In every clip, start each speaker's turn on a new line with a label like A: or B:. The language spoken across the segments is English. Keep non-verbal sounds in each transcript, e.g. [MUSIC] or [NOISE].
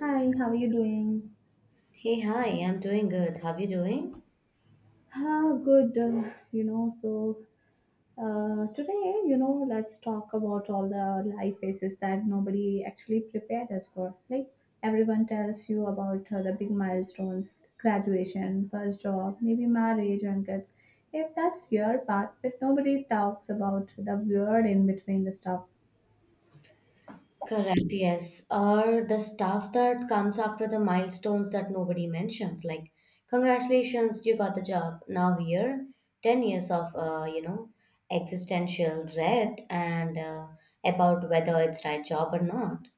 A: Hi, how are you doing?
B: Hey, hi, I'm doing good. How you doing?
A: Ah, good. You know, so Today, let's talk about all the life phases that nobody actually prepared us for. Like everyone tells you about the big milestones, graduation, first job, maybe marriage and kids. If that's your path, but nobody talks about the weird in between the stuff.
B: Correct, yes. Or the stuff that comes after the milestones that nobody mentions, like congratulations, you got the job. Now here, 10 years of, existential dread and about whether it's right job or not.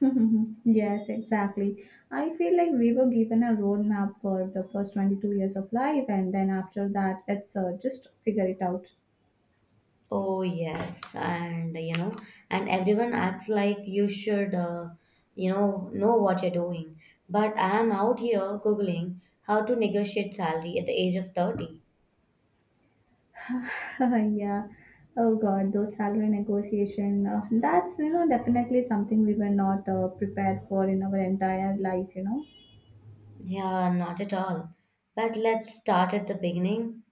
A: [LAUGHS] Yes, exactly. I feel like we were given a roadmap for the first 22 years of life, and then after that, it's just figure it out.
B: Oh, yes. And everyone acts like you should, know what you're doing. But I am out here Googling how to negotiate salary at the age of 30.
A: [LAUGHS] Yeah. Oh God, those salary negotiation. That's definitely something we were not prepared for in our entire life.
B: Yeah, not at all. But let's start at the beginning,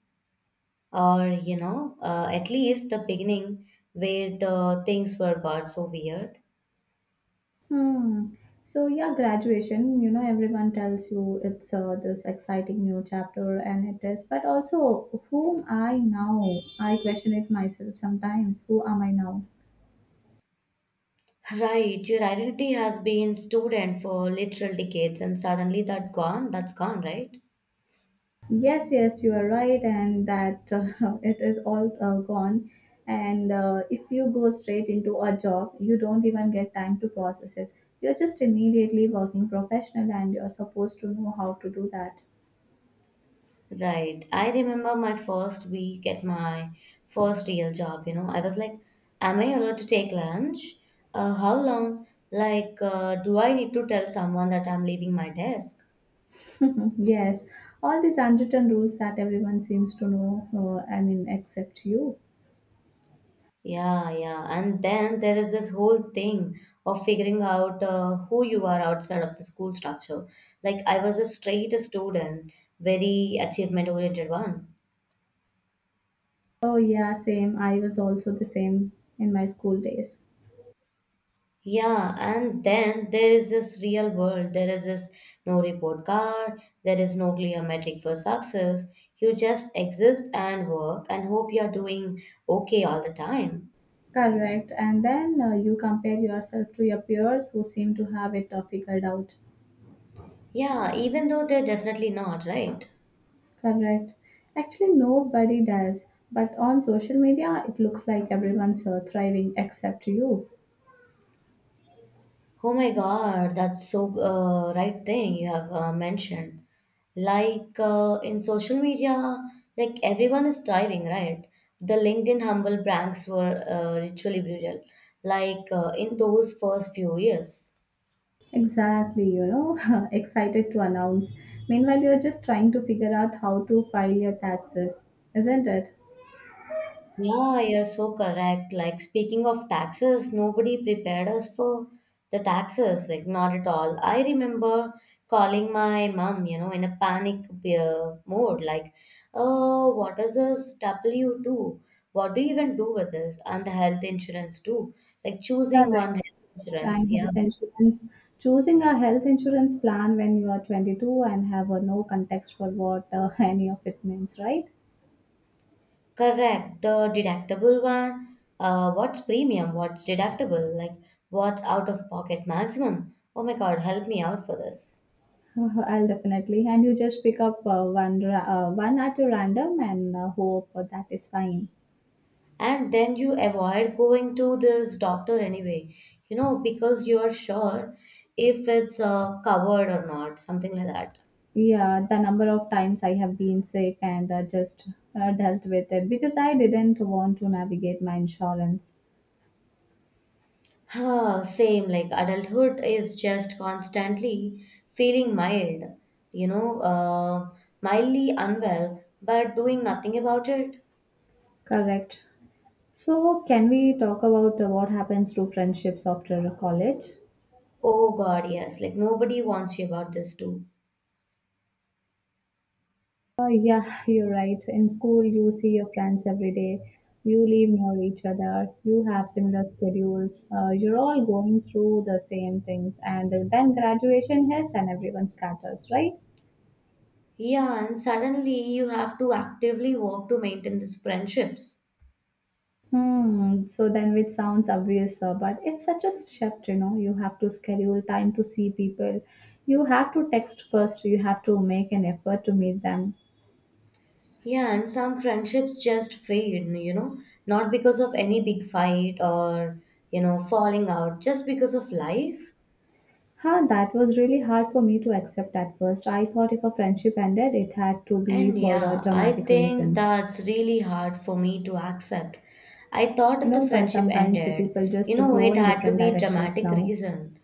B: or at least the beginning where the things were got so weird.
A: Hmm. So yeah, graduation. You know, everyone tells you it's this exciting new chapter, and it is. But also, whom I now? I question it myself sometimes. Who am I now?
B: [LAUGHS] Right, your identity has been student for literal decades, and suddenly that gone. That's gone, right?
A: Yes, yes, you are right, and that [LAUGHS] it is all gone. And if you go straight into a job, you don't even get time to process it. You're just immediately working professional, and you're supposed to know how to do that.
B: Right. I remember my first week at my first real job, you know. I was like, am I allowed to take lunch? How long? Like, do I need to tell someone that I'm leaving my desk?
A: [LAUGHS] Yes, all these unwritten rules that everyone seems to know, I mean, except you.
B: Yeah, yeah. And then there is this whole thing of figuring out who you are outside of the school structure. Like, I was a straight student, very achievement oriented one.
A: Oh, yeah, same. I was also the same in my school days.
B: Yeah, and then there is this real world. There is this no report card, there is no clear metric for success. You just exist and work and hope you're doing okay all the time.
A: Correct. And then you compare yourself to your peers who seem to have it figured out.
B: Yeah, even though they're definitely not, right?
A: Correct. Actually, nobody does. But on social media, it looks like everyone's thriving except you.
B: Oh my God, that's so right thing you have mentioned. Like in social media, like everyone is thriving, right? The LinkedIn humble brags were ritually brutal, like in those first few years.
A: Exactly, you know, [LAUGHS] excited to announce. Meanwhile, you're just trying to figure out how to file your taxes, isn't it?
B: Yeah, you're so correct. Like, speaking of taxes, nobody prepared us for the taxes, like, not at all. I remember calling my mom, you know, in a panic mode, like, oh, what is this W2? What do you even do with this? And the health insurance, too. Like, choosing one
A: Correct.
B: health insurance.
A: And
B: Yeah,
A: health insurance. Choosing a health insurance plan when you are 22 and have a no context for what [LAUGHS] any of it means, right?
B: correct. The deductible one, what's premium? What's deductible? Like, what's out of pocket maximum? Oh my God, help me out for this.
A: I'll definitely. And you just pick up one at a random and hope that is fine.
B: And then you avoid going to this doctor anyway, you know, because you are sure if it's covered or not, something like that.
A: Yeah, the number of times I have been sick and just dealt with it because I didn't want to navigate my insurance.
B: Huh, same. Like adulthood is just constantly feeling mild, you know uh, mildly unwell, but doing nothing about it.
A: Correct. So, can we talk about what happens to friendships after college?
B: Oh god, yes. Like nobody wants you about this too.
A: Yeah, you're right. In school, you see your friends every day. You live near each other. You have similar schedules. You're all going through the same things. And then graduation hits and everyone scatters, right?
B: Yeah, and suddenly you have to actively work to maintain these friendships.
A: Hmm. So then, which sounds obvious, but it's such a shift, you know. You have to schedule time to see people. You have to text first. You have to make an effort to meet them.
B: Yeah, and some friendships just fade, you know, not because of any big fight or, you know, falling out, just because of life.
A: Huh, that was really hard for me to accept at first. I thought if a friendship ended, it had to be
B: And
A: for a
B: yeah, I
A: dramatic
B: think
A: reason.
B: that's really hard for me to accept. I thought
A: You
B: if the
A: know, but
B: friendship
A: sometimes the
B: ended,
A: people just
B: you know,
A: grow
B: it
A: in
B: had to
A: different
B: be
A: directions
B: dramatic
A: now,
B: reason.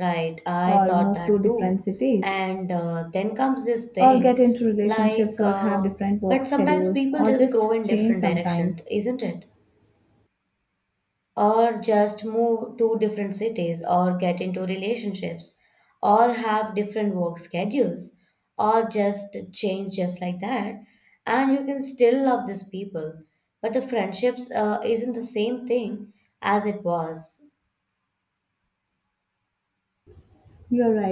B: Right, I
A: or
B: thought
A: move to
B: that
A: different
B: too.
A: cities,
B: And then comes this
A: or get
B: thing
A: into relationships,
B: like,
A: or have different work
B: but sometimes
A: schedules,
B: people
A: or
B: just grow
A: just
B: in
A: change
B: different directions,
A: sometimes.
B: isn't it? Or just move to different cities, or get into relationships, or have different work schedules, or just change just like that. And you can still love these people, but the friendships isn't the same thing as it was.
A: You're right.